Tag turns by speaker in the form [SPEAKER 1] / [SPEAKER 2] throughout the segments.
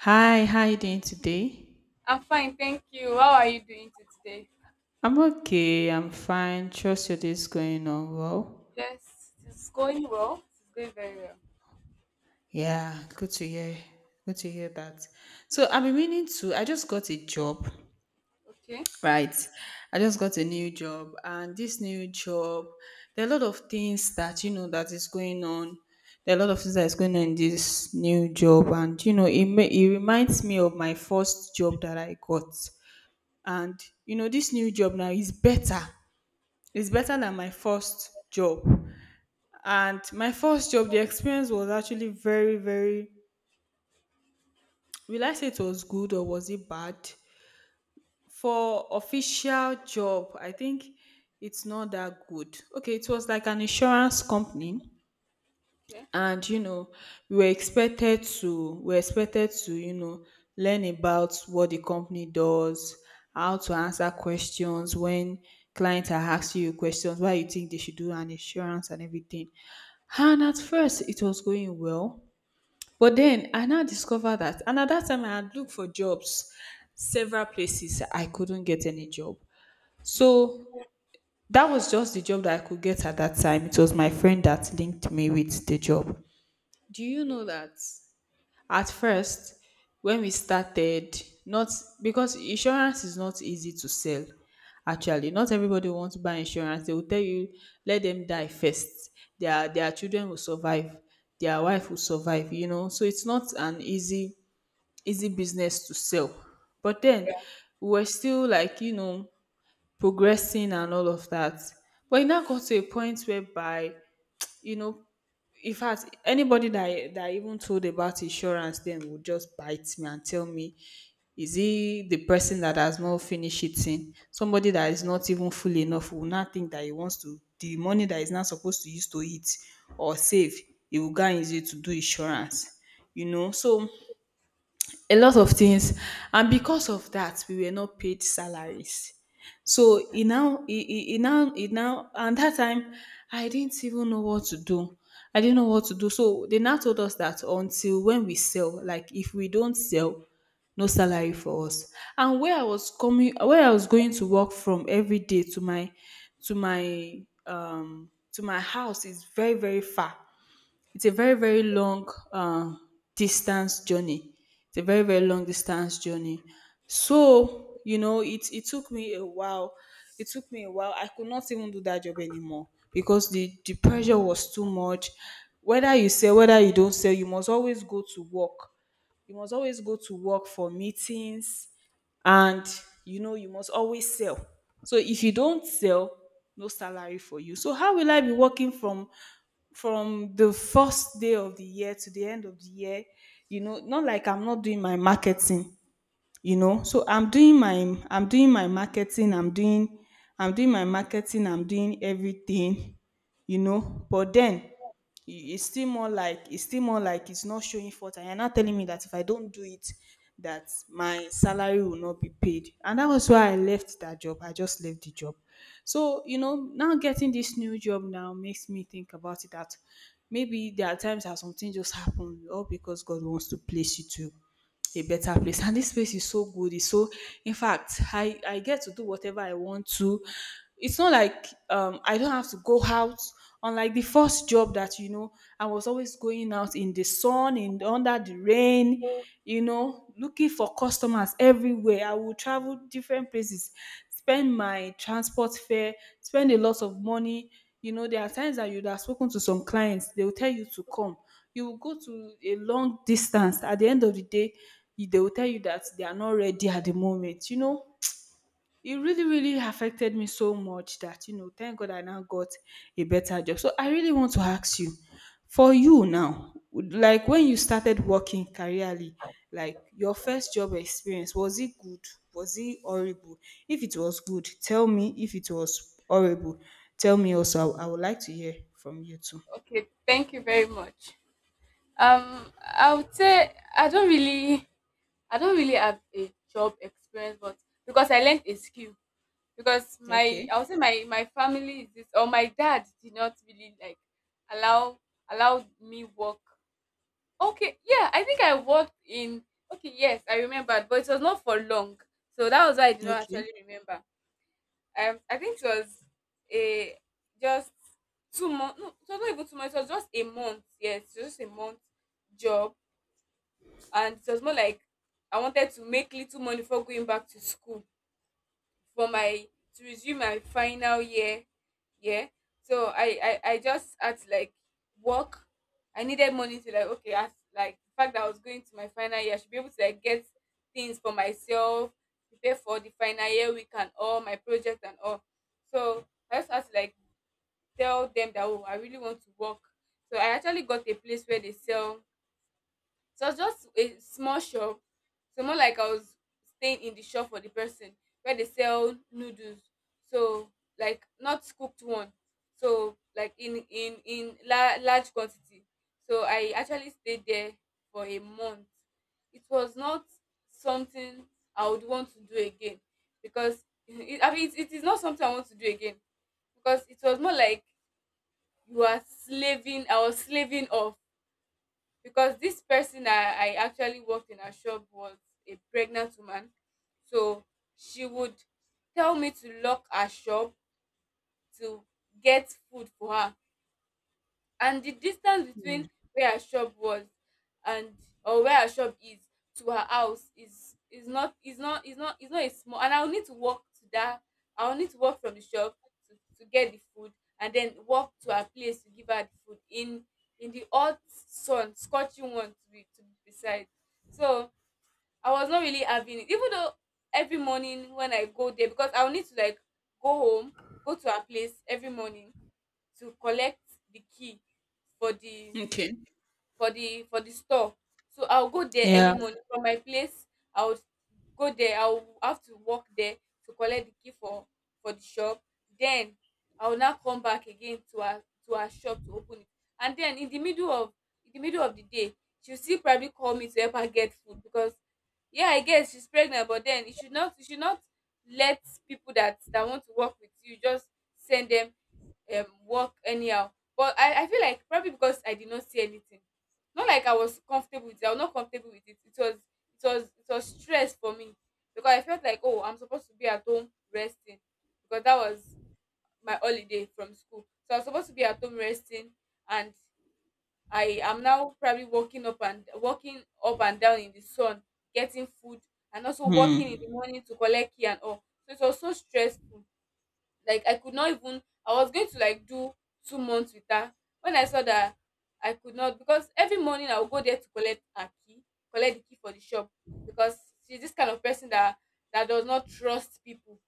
[SPEAKER 1] Hi, how you doing today?
[SPEAKER 2] I'm fine, thank you. How are you doing to today?
[SPEAKER 1] I'm okay. I'm fine. Trust your day's going on well.
[SPEAKER 2] Yes, it's going well. It's going very well.
[SPEAKER 1] Yeah, good to hear. Good to hear that. So I've been meaning to. I just got a job,
[SPEAKER 2] Okay,
[SPEAKER 1] right? I just got a new job, and this new job, there are a lot of things that that is going on. There are a lot of things that is going on in this new job, and you know it. It reminds me of my first job that I got, and this new job now is better. It's better than my first job. And my first job, the experience was actually very, very. Will I say it was good or was it bad? For official job, I think it's not that good. Okay, it was like an insurance company.
[SPEAKER 2] okay,
[SPEAKER 1] And we were expected to learn about what the company does, how to answer questions when clients are asking you questions why you think they should do an insurance and everything. And at first it was going well, but then I now discovered that. And at that time I had looked for jobs several places, I couldn't get any job. So that was just the job that I could get at that time. It was my friend that linked me with the job. Do you know
[SPEAKER 2] okay.
[SPEAKER 1] that? At first, when we started, not because insurance is not easy to sell. Actually, not everybody wants to buy insurance. They will tell you, let them die first. Their children will survive. Their wife will survive. You know, so it's not an easy business to sell. But then
[SPEAKER 2] Yeah,
[SPEAKER 1] we were still like progressing and all of that. But it now got to a point whereby you know in fact anybody that I even told about insurance then would just bite me and tell me, is he the person that has not finished eating, somebody that is not even full enough will not think that he wants to the money that is not supposed to use to eat or save, he will go and use it to do insurance. So a lot of things. And because of that we were not paid salaries. So e now e e e now and that time, I didn't even know what to do. I didn't know what to do. So they now told us that until when we sell, like if we don't sell, no salary for us. And where I was going to work from every day, to my to my house is very, very far. It's a very, very long uh, distance journey. It's a very, very long distance journey. So, it took me a while. It took me a while. I could not even do that job anymore because the pressure was too much. Whether you sell, whether you don't sell, you must always go to work. You must always go to work for meetings. And you must always sell. So if you don't sell, no salary for you. So how will I be working from the first day of the year to the end of the year? Not like I'm not doing my marketing. So I'm doing my marketing. I'm doing my marketing. I'm doing everything. But then it's still more like it's not showing fault. And you're not telling me that if I don't do it that my salary will not be paid. And that was why I left that job. I just left the job. So now getting this new job now makes me think about it that maybe there are times that something just happened all because God wants to place you to a better place. And this place is so good. It's so. In fact, I get to do whatever I want to. It's not like I don't have to go out. Unlike the first job that, I was always going out in the sun, in under the rain, looking for customers everywhere. I would travel different places, spend my transport fare, spend a lot of money. There are times that you'd have spoken to some clients, they will tell you to come. You will go to a long distance. At the end of the day, they will tell you that they are not ready at the moment. It really, really affected me so much that, thank God I now got a better job. So I really want to ask you, for you now,
[SPEAKER 2] yeah.
[SPEAKER 1] like when you started working careerly, like your first job experience, was it good? Was it horrible? If it was good, tell me. If it was horrible, tell me also. I would like to hear from you too.
[SPEAKER 2] Okay, thank you very much. I would say I don't really have a job experience, but because I learned a skill. Because
[SPEAKER 1] Okay.
[SPEAKER 2] I would say my family is this, or my dad did not really like allow allow me work. Okay, yeah, I think I worked in. Okay, yes, I remembered, but it was not for long, so that was why I did not
[SPEAKER 1] Okay.
[SPEAKER 2] actually remember. I think it was a just 2 months. No, it was not even 2 months. It was just a month. Yes, it was just a month job, and it was more like I wanted to make little money before going back to school for my to resume my final year, yeah. So I just had to like work. I needed money to like, okay, as like the fact that I was going to my final year, I should be able to like get things for myself, prepare for the final year week and all my projects and all. So I just had to like tell them that, oh, I really want to work. So I actually got a place where they sell, so it was just a small shop. So more like I was staying in the shop for the person where they sell noodles. So like not cooked one. So like in in large quantity. So I actually stayed there for a month. It was not something I would want to do again because it is not something I want to do again because it was more like you are slaving. I was slaving off because this person I actually worked in her shop was a pregnant woman. So she would tell me to lock her shop to get food for her, and the distance
[SPEAKER 1] Mm.
[SPEAKER 2] between where her shop was and or where her shop is to her house is not is not is not is not a small, and I will need to walk to that. I will need to walk from the shop to, to get the food and then walk to her place to give her the food in the hot sun, scorching one to be precise. So I was not really having it, even though every morning when I go there, because I will need to like go home, go to her place every morning to collect the key for the
[SPEAKER 1] Okay.
[SPEAKER 2] for the store. So I'll go there early
[SPEAKER 1] Yeah.
[SPEAKER 2] morning from my place. I'll go there, I'll have to walk there to collect the key for the shop, then I'll now come back again to her shop to open it. And then in the middle of the day, she'll still probably call me to help her get food because, yeah, I guess she's pregnant. But then you should not, you should not let people that want to work with you just send them work anyhow. But I feel like probably because I did not see anything, not like I was comfortable with it. I was not comfortable with it. It was it was stress for me because I felt like, oh, I'm supposed to be at home resting, because that was my holiday from school, so I was supposed to be at home resting. And I am now probably walking up and down in the sun getting food, and also walking in the
[SPEAKER 1] Hmm.
[SPEAKER 2] morning to collect key and all. So it was so stressful. Like I could not even, I was going to like do 2 months with her. When I saw that I could not, because every morning I would go there to collect her key, collect the key for the shop, because she's this kind of person that does not trust people.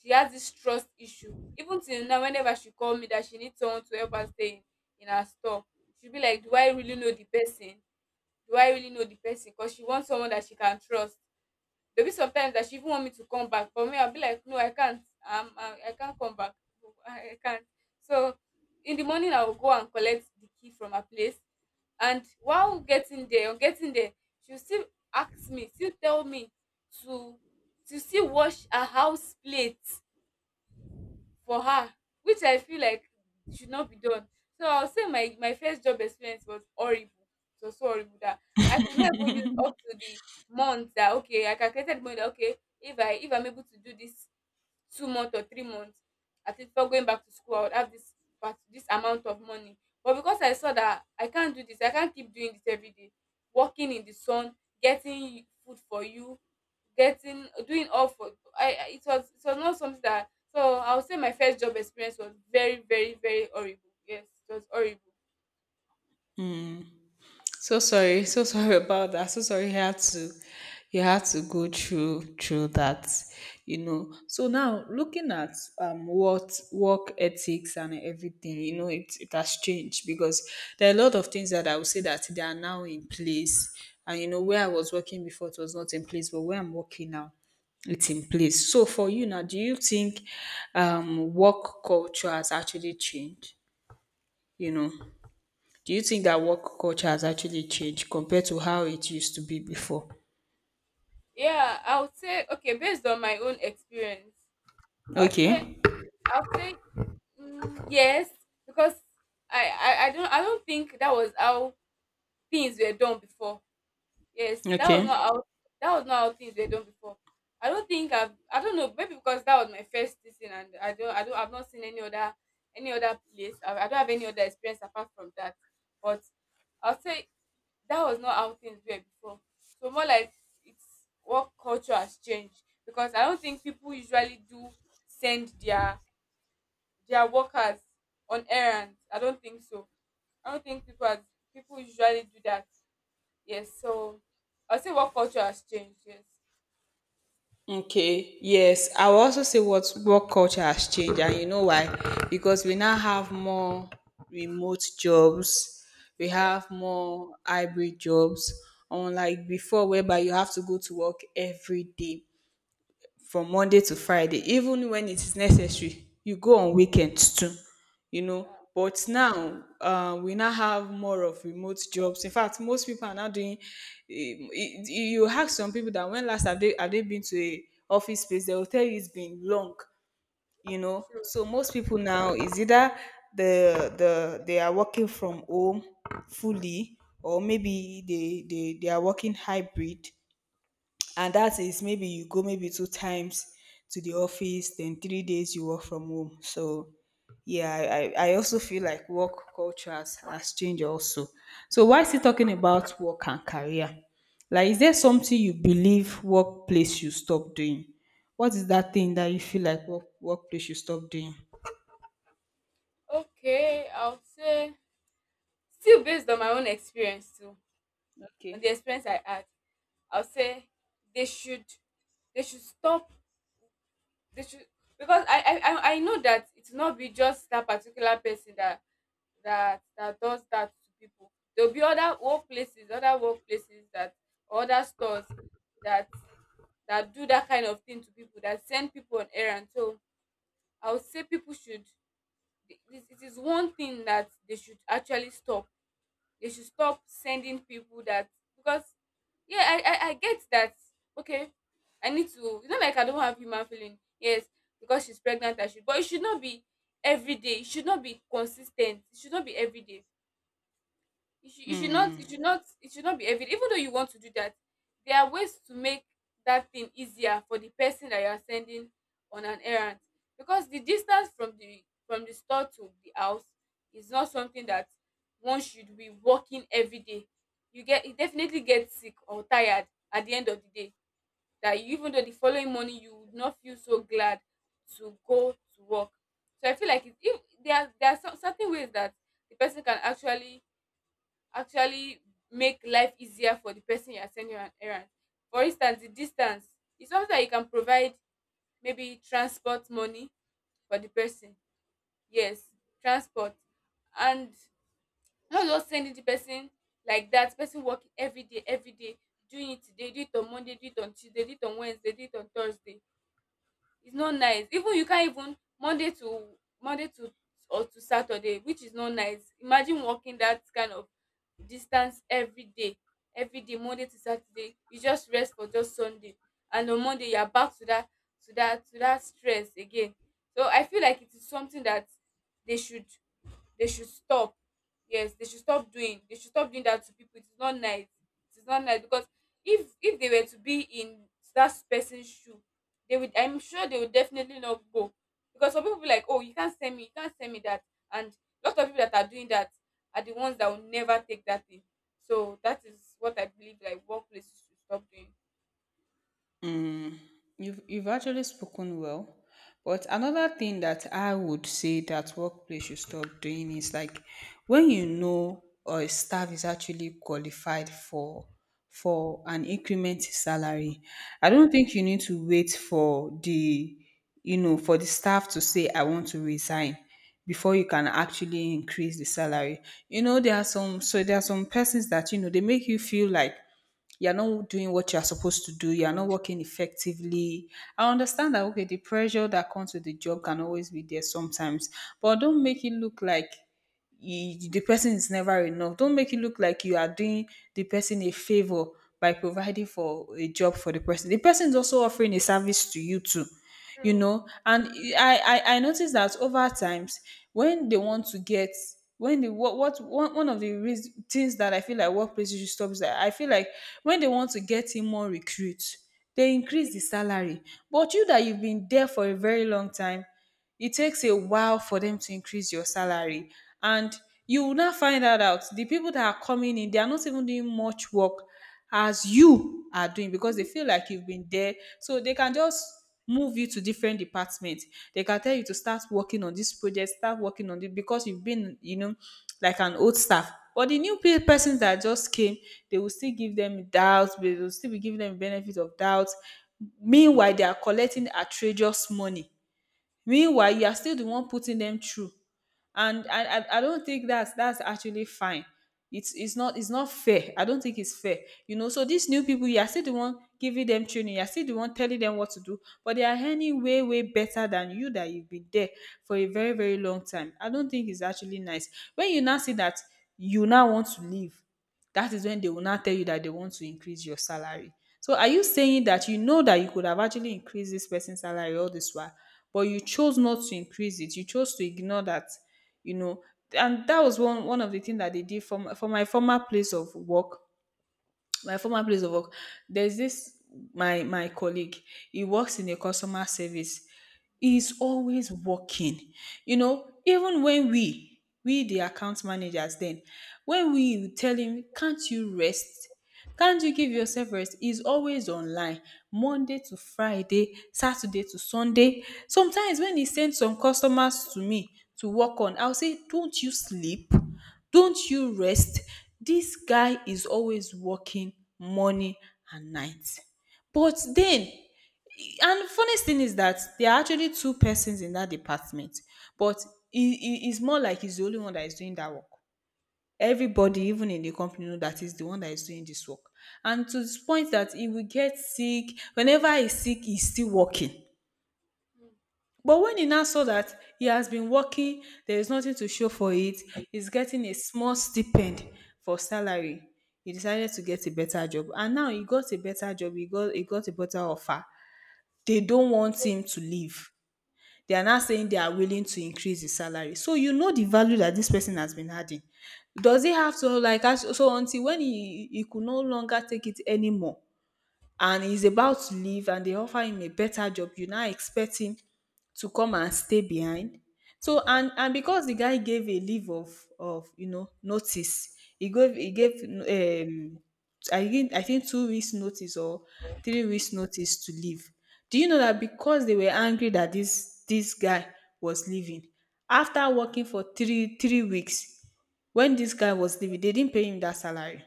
[SPEAKER 2] She has this trust issue even till now. Whenever she call me that she needs someone to help her stay in her store, she'll be like, do I really know the person? Do I really know the person? Because she wants someone that she can trust. There'll be sometimes that she even want me to come back, but me, I'll be like, no, I can't. I can't come back. I can't. So in the morning, I will go and collect the key from her place. And while getting there, on getting there, she'll still still tell me to to still wash her house plate for her, which I feel like should not be done. So I'll say my first job experience was horrible. It was so horrible that I could not even use up to the month that, okay, I calculated money that, okay, if I'm able to do this 2 months or 3 months, at least before going back to school I would have this part this amount of money. But because I saw that I can't do this, I can't keep doing this every day, working in the sun, getting food for you, getting doing all for. It was, it was not something that. So I would say my first job experience was very, very, very horrible. Yes, it was horrible.
[SPEAKER 1] So sorry about that. So sorry you had to go through that. So now looking at what work ethics and everything, it has changed because there are a lot of things that I would say that they are now in place. And where I was working before it was not in place, but where I'm working now, it's in place. So for you now, do you think work culture has actually changed? You know? Do you think that work culture has actually changed compared to how it used to be before?
[SPEAKER 2] Yeah, I would say, okay, based on my own experience, i would say
[SPEAKER 1] Okay.
[SPEAKER 2] I would say mm, yes, because I don't think that was how things were done before. Yes, that was not
[SPEAKER 1] Okay.
[SPEAKER 2] how things were done before. I don't think I don't know, maybe because that was my first season, and I've not seen any other place. I don't have any other experience apart from that. But I'll say that was not how things were before. So more like it's what culture has changed, because I don't think people usually do send their workers on errands. I don't think so. I don't think people as people usually do that. Yes, so I say what culture has changed. Yes,
[SPEAKER 1] Okay. Yes. I will also say what work culture has changed. And you know why? Because we now have more remote jobs, we
[SPEAKER 2] yes,
[SPEAKER 1] have more hybrid jobs, unlike before, whereby you have to go to work every day, from Monday to Friday, even when it is necessary, you go on weekends too.
[SPEAKER 2] uh,
[SPEAKER 1] But now, we now have more of remote jobs. In fact, most people are now doing. You ask some people that when last have they been to a office space? They will tell you it's been long.
[SPEAKER 2] true.
[SPEAKER 1] So most people now is either they are working from home fully, or maybe they are working hybrid. And that is maybe you go maybe 2 times to the office, then 3 days you work from home. So yeah, I also feel like work culture has changed also. So why is he talking about work and career, like is
[SPEAKER 2] Yeah.
[SPEAKER 1] there something you believe workplace should stop doing? What is that thing that you feel like workplace should stop doing?
[SPEAKER 2] Okay, I'll say still based on my own experience too, on the
[SPEAKER 1] Okay.
[SPEAKER 2] experience I had, I'll say they should stop. They should, because I know that it will not be just that particular person that does that to people. There will be other workplaces, that or other stores that do that kind of thing to people, that send people on errands. So I would say people should, it is one thing that they should actually stop. They should stop sending people that. Because, yeah, I get that, okay, I need to. It's not like I don't have human feeling. Yes, because she's pregnant I should, but it should not be every day. It should not be consistent. It should not be every day. You should not, it should not, it should not be evident. Even though you want to do that, there are ways to make that thing easier for the person that you are sending on an errand, because the distance from the store to the house is not something that one should be walking every day. You get, you definitely get sick or tired at the end of the day, that even though the following morning you would not feel so glad to go to work. So I feel like it, if there are some certain ways that the person can actually make life easier for the person you're sending on errand. For instance, the distance is something that you can provide maybe transport money for the person. Yes, transport. And not just sending the person like that, person working every day, doing it today, do it on Monday, do it on Tuesday, do it on Wednesday, do it on Thursday. It's not nice. Even you can't even Monday to Monday to or to Saturday, which is not nice. Imagine walking that kind of distance every day, Monday to Saturday. You just rest for just Sunday, and on Monday you are back to that to that to that stress again. So I feel like it is something that they should, they should stop. Yes, they should stop doing. They should stop doing that to people. It is not nice. It is not nice because if they were to be in that person's shoe, they would. I'm sure they would definitely not go, because some people be like, oh, you can't send me, you can't send me that, and a lot of people that are doing that are the ones that will never take that thing. So that is what I believe like workplaces should stop doing.
[SPEAKER 1] Mm, you've actually spoken well. But another thing that I would say that workplace should stop doing is like when a staff is actually qualified for an increment in salary, I don't think you need to wait for the you know for the staff to say I want to resign before you can actually increase the salary. There are some persons that they make you feel like you're not doing what you're supposed to do, you're not working effectively. I understand that okay, the pressure that comes with the job can always be there sometimes, but don't make it look like the person is never enough. Don't make it look like you are doing the person a favor by providing for a job for the person. The person is also offering a service to you too, you
[SPEAKER 2] True.
[SPEAKER 1] know. And I noticed that over times, when they want to get when the what one of the things that I feel like workplaces should stop is that I feel like when they want to get in more recruits, they increase the salary. But you that you've been there for a very long time, it takes a while for them to increase your salary, and you will not find that out. The people that are coming in, they are not even doing much work as you are doing because they feel like you've been there, so they can just move you to different departments. They can tell you to start working on this project, start working on it because you've been, you know, like an old staff. But the new persons that just came, they will still give them doubt, they will still be giving them benefit of doubt. Meanwhile they are collecting outrageous money, meanwhile you are still the one putting them through. And I don't think that's actually fine. It's not, it's not fair. I don't think it's fair, you know. So these new people, you are still the one giving them training, you are still the one telling them what to do, but they are earning way way better than you that you've been there for a very very long time. I don't think it's actually nice when you now see that, you now want to leave, that is when they will now tell you that they want to increase your salary. So are you saying that you know that you could have actually increased this person's salary all this while, but you chose not to increase it? You chose to ignore that, you know. And that was one one of the things that they did from for my former place of work. My former place of work, there's this, my colleague, he works in a customer service. He's always working, you know. Even when we the account managers then, when we tell him, can't you rest, can't you give yourself rest? He's always online, Monday to Friday, Saturday to Sunday. Sometimes when he sends some customers to me to work on, I'll say, don't you sleep, don't you rest? This guy is always working, morning and night. But then, and funniest thing is that there are actually two persons in that department, but it's more like he's the only one that is doing that work. Everybody, even in the company, know that he's the one that is doing this work. And to this point that he will get sick, whenever he's sick, he's still working. But when he now saw that he has been working, there is nothing to show for it, he's getting a small stipend for salary. He decided to get a better job. And now he got a better job, he got a better offer. They don't want him to leave. They are now saying they are willing to increase his salary. So you know the value that this person has been adding. Does he have to like so until when he could no longer take it anymore, and he's about to leave and they offer him a better job, you now expect him to come and stay behind? So and because the guy gave a leave of you know notice, he gave I think 2 weeks notice or 3 weeks notice to leave. Do you know that because they were angry that this guy was leaving, after working for three weeks, when this guy was leaving they didn't pay him that salary.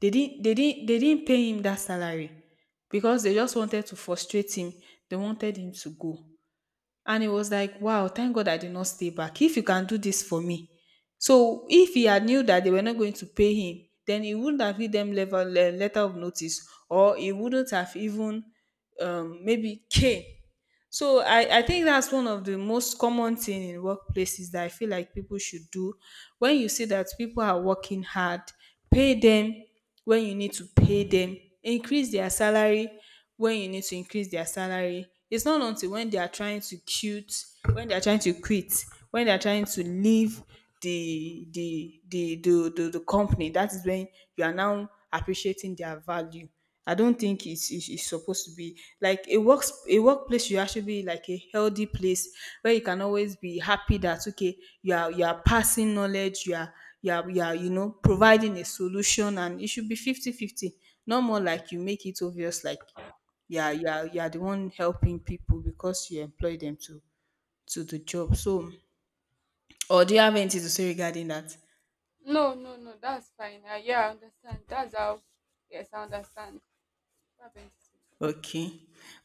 [SPEAKER 1] They didn't they didn't pay him that salary because they just wanted to frustrate him. They wanted him to go. And it was like, wow, thank God I did not stay back. If you can do this for me. So if he had knew that they were not going to pay him, then he wouldn't have given them letter of notice, or he wouldn't have even, maybe came. So I think that's one of the most common thing in workplaces that I feel like people should do. When you see that people are working hard, pay them when you need to pay them, increase their salary when you need to increase their salary. It's not until when they are trying to when they are trying to quit, when they are trying to leave the company, that is when you are now appreciating their value. I don't think it's supposed to be like a work a workplace should actually be like a healthy place where you can always be happy that okay, you are, you are passing knowledge, you are, you are you know, providing a solution. And it should be 50 50. 50, not more like you make it obvious like you are the one helping people because you employ them to the job. So or do you have anything to say regarding that?
[SPEAKER 2] No, no, no, that's fine. Yeah, I understand. That's how. Yes, I understand. What happened to
[SPEAKER 1] Okay.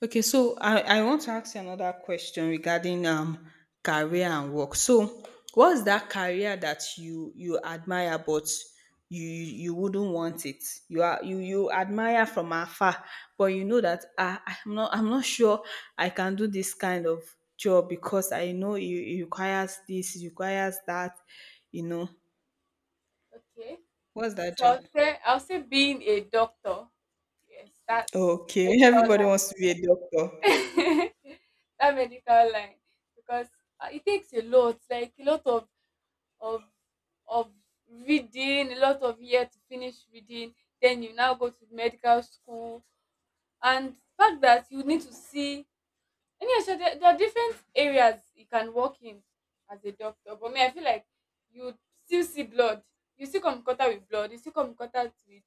[SPEAKER 1] Okay. So I want to ask you another question regarding career and work. So what's that career that you admire but you wouldn't want it? You are, you admire from afar, but you know that ah, I'm not, I'm not sure I can do this kind of job because I know it requires this, it requires that, you know.
[SPEAKER 2] you? Okay.
[SPEAKER 1] What's that
[SPEAKER 2] So
[SPEAKER 1] job?
[SPEAKER 2] I'll say being a doctor. Yes, that
[SPEAKER 1] Okay.
[SPEAKER 2] medical
[SPEAKER 1] Everybody wants to be a doctor.
[SPEAKER 2] line. That medical line. Because it takes a lot, like a lot of of reading, a lot of year to finish reading. Then you now go to medical school. And the fact that you need to see and yeah, so there are different areas you can work in as a doctor. But me, I feel like you still see blood. You still come in contact with blood, you still come in contact with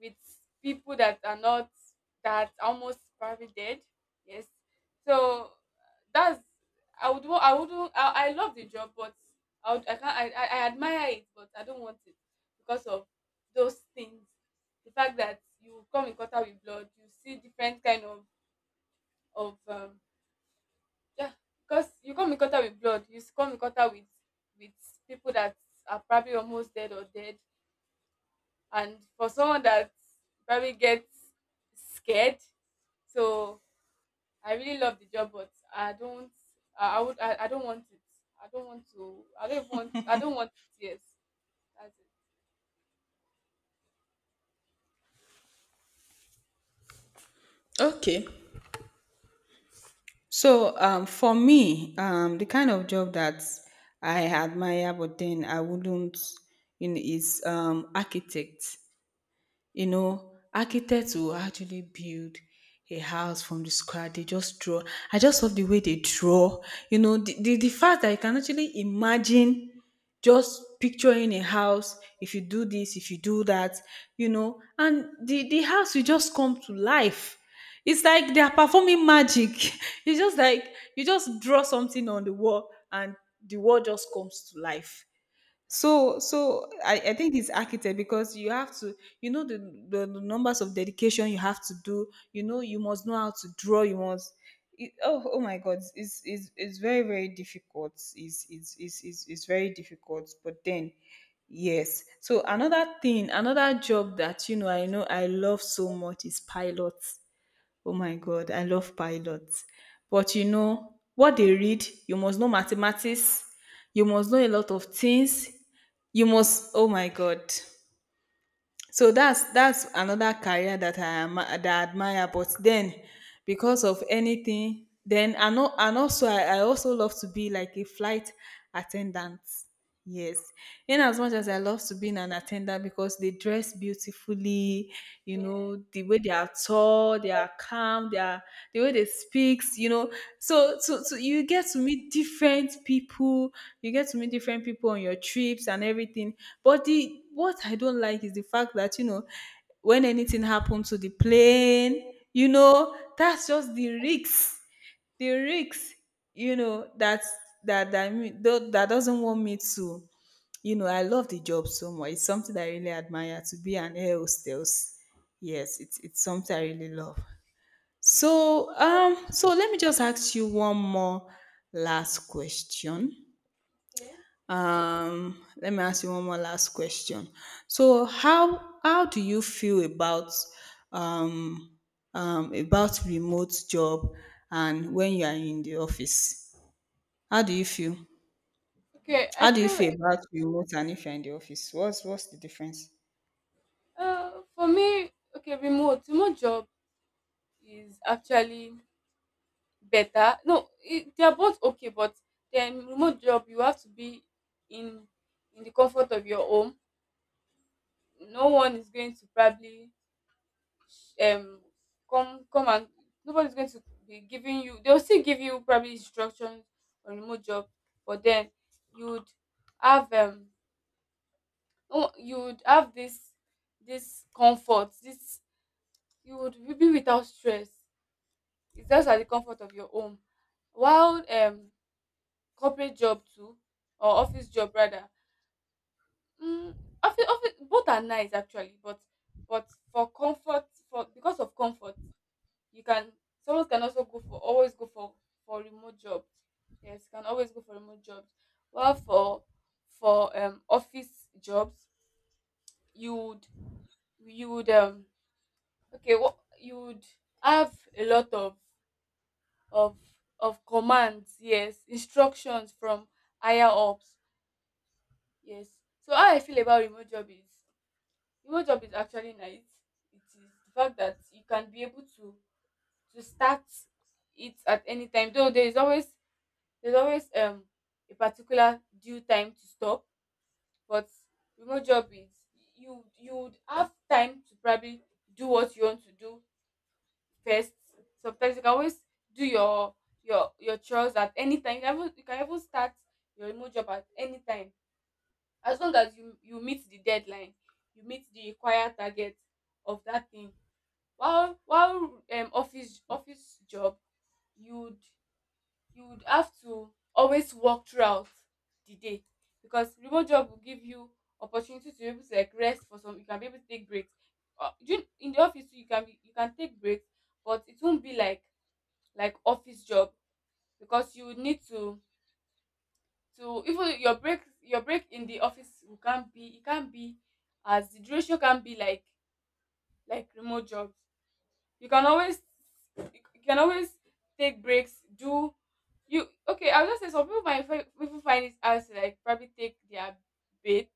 [SPEAKER 2] with people that are not that almost probably dead. Yes, so that's I would I love the job, but I would, I can't I admire it, but I don't want it because of those things. The fact that you come in contact with blood, you see different kind of of um, yeah, because you come in contact with blood, you come in contact with with people that are probably almost dead or dead and for someone that probably gets scared. So I really love the job but I don't, I would I don't want it. I don't want to I don't even want I don't want it Yes, that's
[SPEAKER 1] Okay. So for me, the kind of job that I admire, but then I wouldn't, you know, is architect. You know, architects will actually build a house from the scratch. They just draw. I just love the way they draw. You know, the fact that you can actually imagine, just picturing a house, if you do this, if you do that, you know, and the house will just come to life. It's like they are performing magic. It's just like you just draw something on the wall and the wall just comes to life. So so I think it's architect because you have to, you know, the, the numbers of dedication you have to do. You know you must know how to draw, you must it, oh my god, it's it's very very difficult. It's very difficult, but then yes. So another thing, another job that you know I know I love so much, is pilot. Oh my God, I love pilots. But you know what they read, you must know mathematics, you must know a lot of things. You must, oh my God. So that's another career that I am that I admire. But then, because of anything, then I know. And also I also love to be like a flight attendant. Yes, in as much as I love to be an attendant, because they dress beautifully, you know
[SPEAKER 2] it.
[SPEAKER 1] the way they are tall, they are calm, they are, the way they speaks, you know. So so you get to meet different people, you get to meet different people on your trips and everything. But the what I don't like is the fact that, you know, when anything happens to the plane, you know, that's just the risk. The risk, you know, that that doesn't want me to, you know. I love the job so much. It's something that I really admire, to be an air hostess. Yes, it's something I really love. So so let me just ask you one more last question.
[SPEAKER 2] Yeah. Okay.
[SPEAKER 1] Let me ask you one more last question. So, how do you feel um, about remote job and when you are in the office? How do you feel?
[SPEAKER 2] Okay, I
[SPEAKER 1] How do you
[SPEAKER 2] feel
[SPEAKER 1] feel
[SPEAKER 2] like,
[SPEAKER 1] about remote and if you're in the office? What's the difference?
[SPEAKER 2] for me, okay, remote job is actually better. No, they are both okay, but then remote job you have to be in in the comfort of your home. No one is going to probably, um come, and nobody's going to be giving you, they'll still give you probably instructions on remote job, but then you'd have, oh, you'd have this this comfort, this, you would be without stress. It's just at the comfort of your home. While, corporate job too, or office job rather. mm, Office, both are nice actually, but for comfort, for because of comfort, you can, someone can also go for, always go for remote jobs. Yes, can always go for remote jobs. While for office jobs, you would, you would, okay, what you would, have a lot of of commands, yes, instructions from higher ups. Yes. So how I feel about remote job is actually nice. It is the fact that you can be able to start it at any time, though there is always, there's always a particular due time to stop, but remote job is, you would have time to probably do what you want to do first. Sometimes you can always do your chores at any time. You can even start your remote job at any time as long as you meet the deadline, you meet the required target of that thing. While office, job, you'd, you would have to always work throughout the day, because remote job will give you opportunity to be able to like rest for some, you can be able to take breaks. You in the office too, you can be, you can take breaks, but it won't be like office job, because you would need to even your break, your break in the office, you can't be, it can't be as, the duration can be like remote jobs. You can always, you can always take breaks. Do you, okay, I'll just say some people might people find it hard to like probably take their bait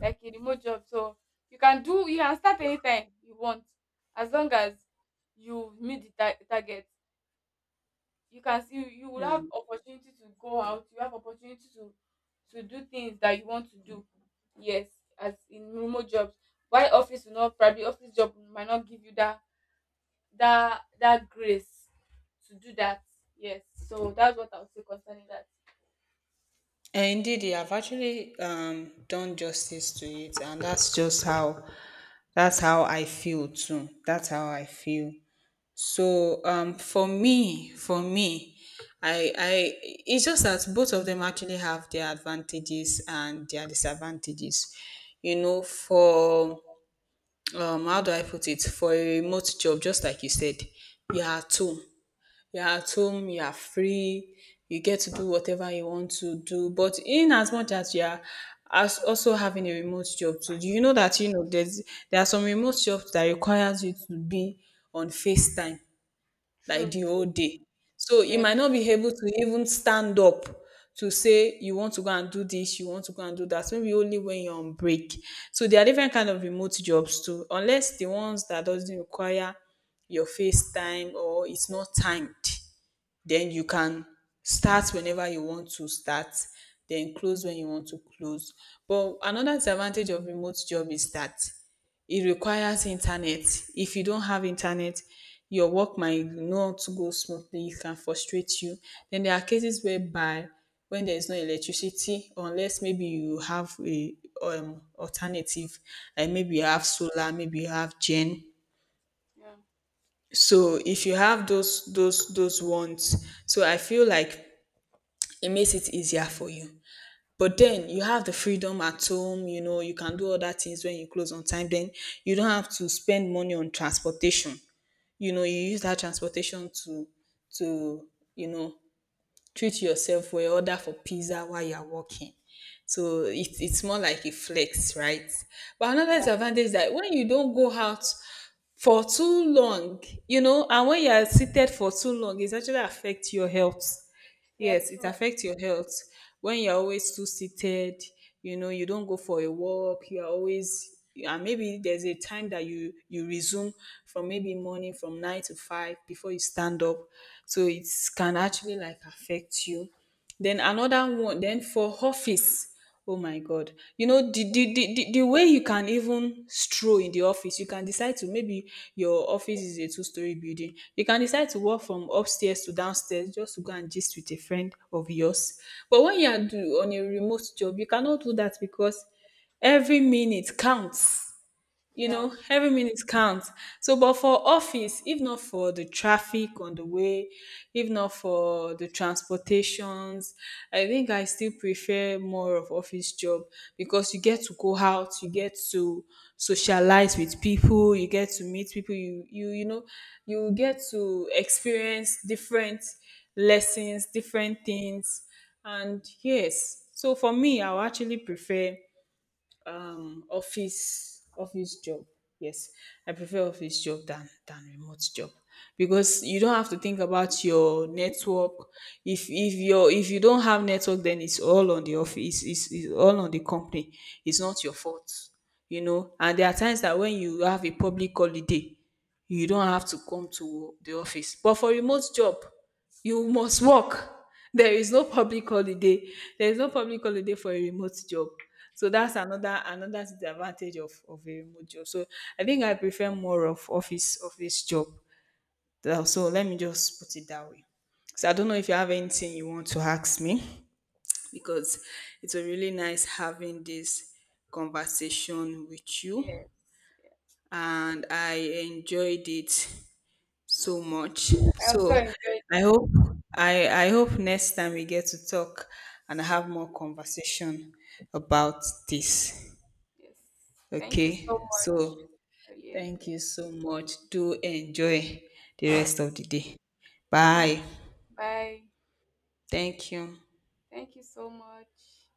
[SPEAKER 2] like a remote job. So you can do, you can start anytime you want, as long as you meet the target. You can see you will have
[SPEAKER 1] Hmm.
[SPEAKER 2] opportunity to go out, you have opportunity to do things that you want to do. Yes, as in remote jobs. Why office will not probably, office job might not give you that, that grace to do that. Yes. So that's what I would say concerning that.
[SPEAKER 1] Indeed, you have actually done justice to it, and that's just how that's how I feel too. That's how I feel. So for me, I it's just that both of them actually have their advantages and their disadvantages. You know, for how do I put it? For a remote job, just like you said, you are two you're at home, you are free, you get to do whatever you want to do. But in as much as you are as also having a remote job too, do you know that you know there are some remote jobs that requires you to be on FaceTime like
[SPEAKER 2] True.
[SPEAKER 1] the
[SPEAKER 2] True.
[SPEAKER 1] whole day. So you
[SPEAKER 2] Yes.
[SPEAKER 1] might not be able to even stand up to say you want to go and do this, you want to go and do that. Maybe only when you're on break. So there are different kind of remote jobs too, unless the ones that doesn't require your FaceTime or it's not timed, then you
[SPEAKER 2] Yeah.
[SPEAKER 1] can start whenever you want to start, then close when you want to close. But another disadvantage of remote job is that it requires internet. If you don't have internet, your work might not go smoothly, it can frustrate you. Then there are cases whereby when there is no electricity, unless maybe you have a, alternative, like maybe you have solar, maybe you have gen.
[SPEAKER 2] Yeah.
[SPEAKER 1] So if you have those those ones, so I feel like it makes it easier for you. But then you have the freedom at home, you know, you can do other things when you close on time. Then you don't have to spend money on transportation. You know, you use that transportation to to, you know, treat yourself or order for pizza while you're working. So it's more like a flex, right? But another
[SPEAKER 2] Yeah.
[SPEAKER 1] disadvantage is that when you don't go out for too long, you know, and when you are seated for too long, it's actually affect your health.
[SPEAKER 2] Yeah.
[SPEAKER 1] Yes, it
[SPEAKER 2] True.
[SPEAKER 1] affects your health. When you're always too seated, you know, you don't go for a walk, you're always, and maybe there's a time that you resume from maybe morning from nine to five before you stand up. So it can actually like affect you. Then another one, then for office. Oh my God, you know, the way you can even stroll in the office, you can decide to maybe your office is a two-story building. You can decide to walk from upstairs to downstairs just to go and gist with a friend of yours. But when you are on a remote job, you cannot do that because every minute counts, you
[SPEAKER 2] Yeah.
[SPEAKER 1] know, every minute counts. So but for office, if not for the traffic on the way, if not for the transportations, I think I still prefer more of office job, because you get to go out, you get to socialize with people, you get to meet people, you know, you get to experience different lessons, different things. And yes, so for me I would actually prefer office office job. Yes, I prefer office job than remote job, because you don't have to think about your network. If your if you don't have network, then it's all on the office. It's all on the company, it's not your fault. You know, and there are times that when you have a public holiday, you don't have to come to the office. But for remote job, you must work. There is no public holiday. There is no public holiday for a remote job. So that's another another disadvantage of a remote job. So I think I prefer more of office office job. So let me just put it that way. So I don't know if you have anything you want to ask me, because it's a really nice having this conversation with you,
[SPEAKER 2] Yes.
[SPEAKER 1] and I enjoyed it so
[SPEAKER 2] Yeah.
[SPEAKER 1] much.
[SPEAKER 2] I also
[SPEAKER 1] So
[SPEAKER 2] enjoyed.
[SPEAKER 1] I hope I hope next time we get to talk and have
[SPEAKER 2] Yes.
[SPEAKER 1] more conversation
[SPEAKER 2] Yeah.
[SPEAKER 1] about this.
[SPEAKER 2] Yes. Thank you so
[SPEAKER 1] Okay?
[SPEAKER 2] much.
[SPEAKER 1] So
[SPEAKER 2] I really
[SPEAKER 1] thank
[SPEAKER 2] enjoyed.
[SPEAKER 1] you so much. Do enjoy the rest of the day.
[SPEAKER 2] And you.
[SPEAKER 1] Bye.
[SPEAKER 2] Bye.
[SPEAKER 1] Thank you.
[SPEAKER 2] Thank you so much.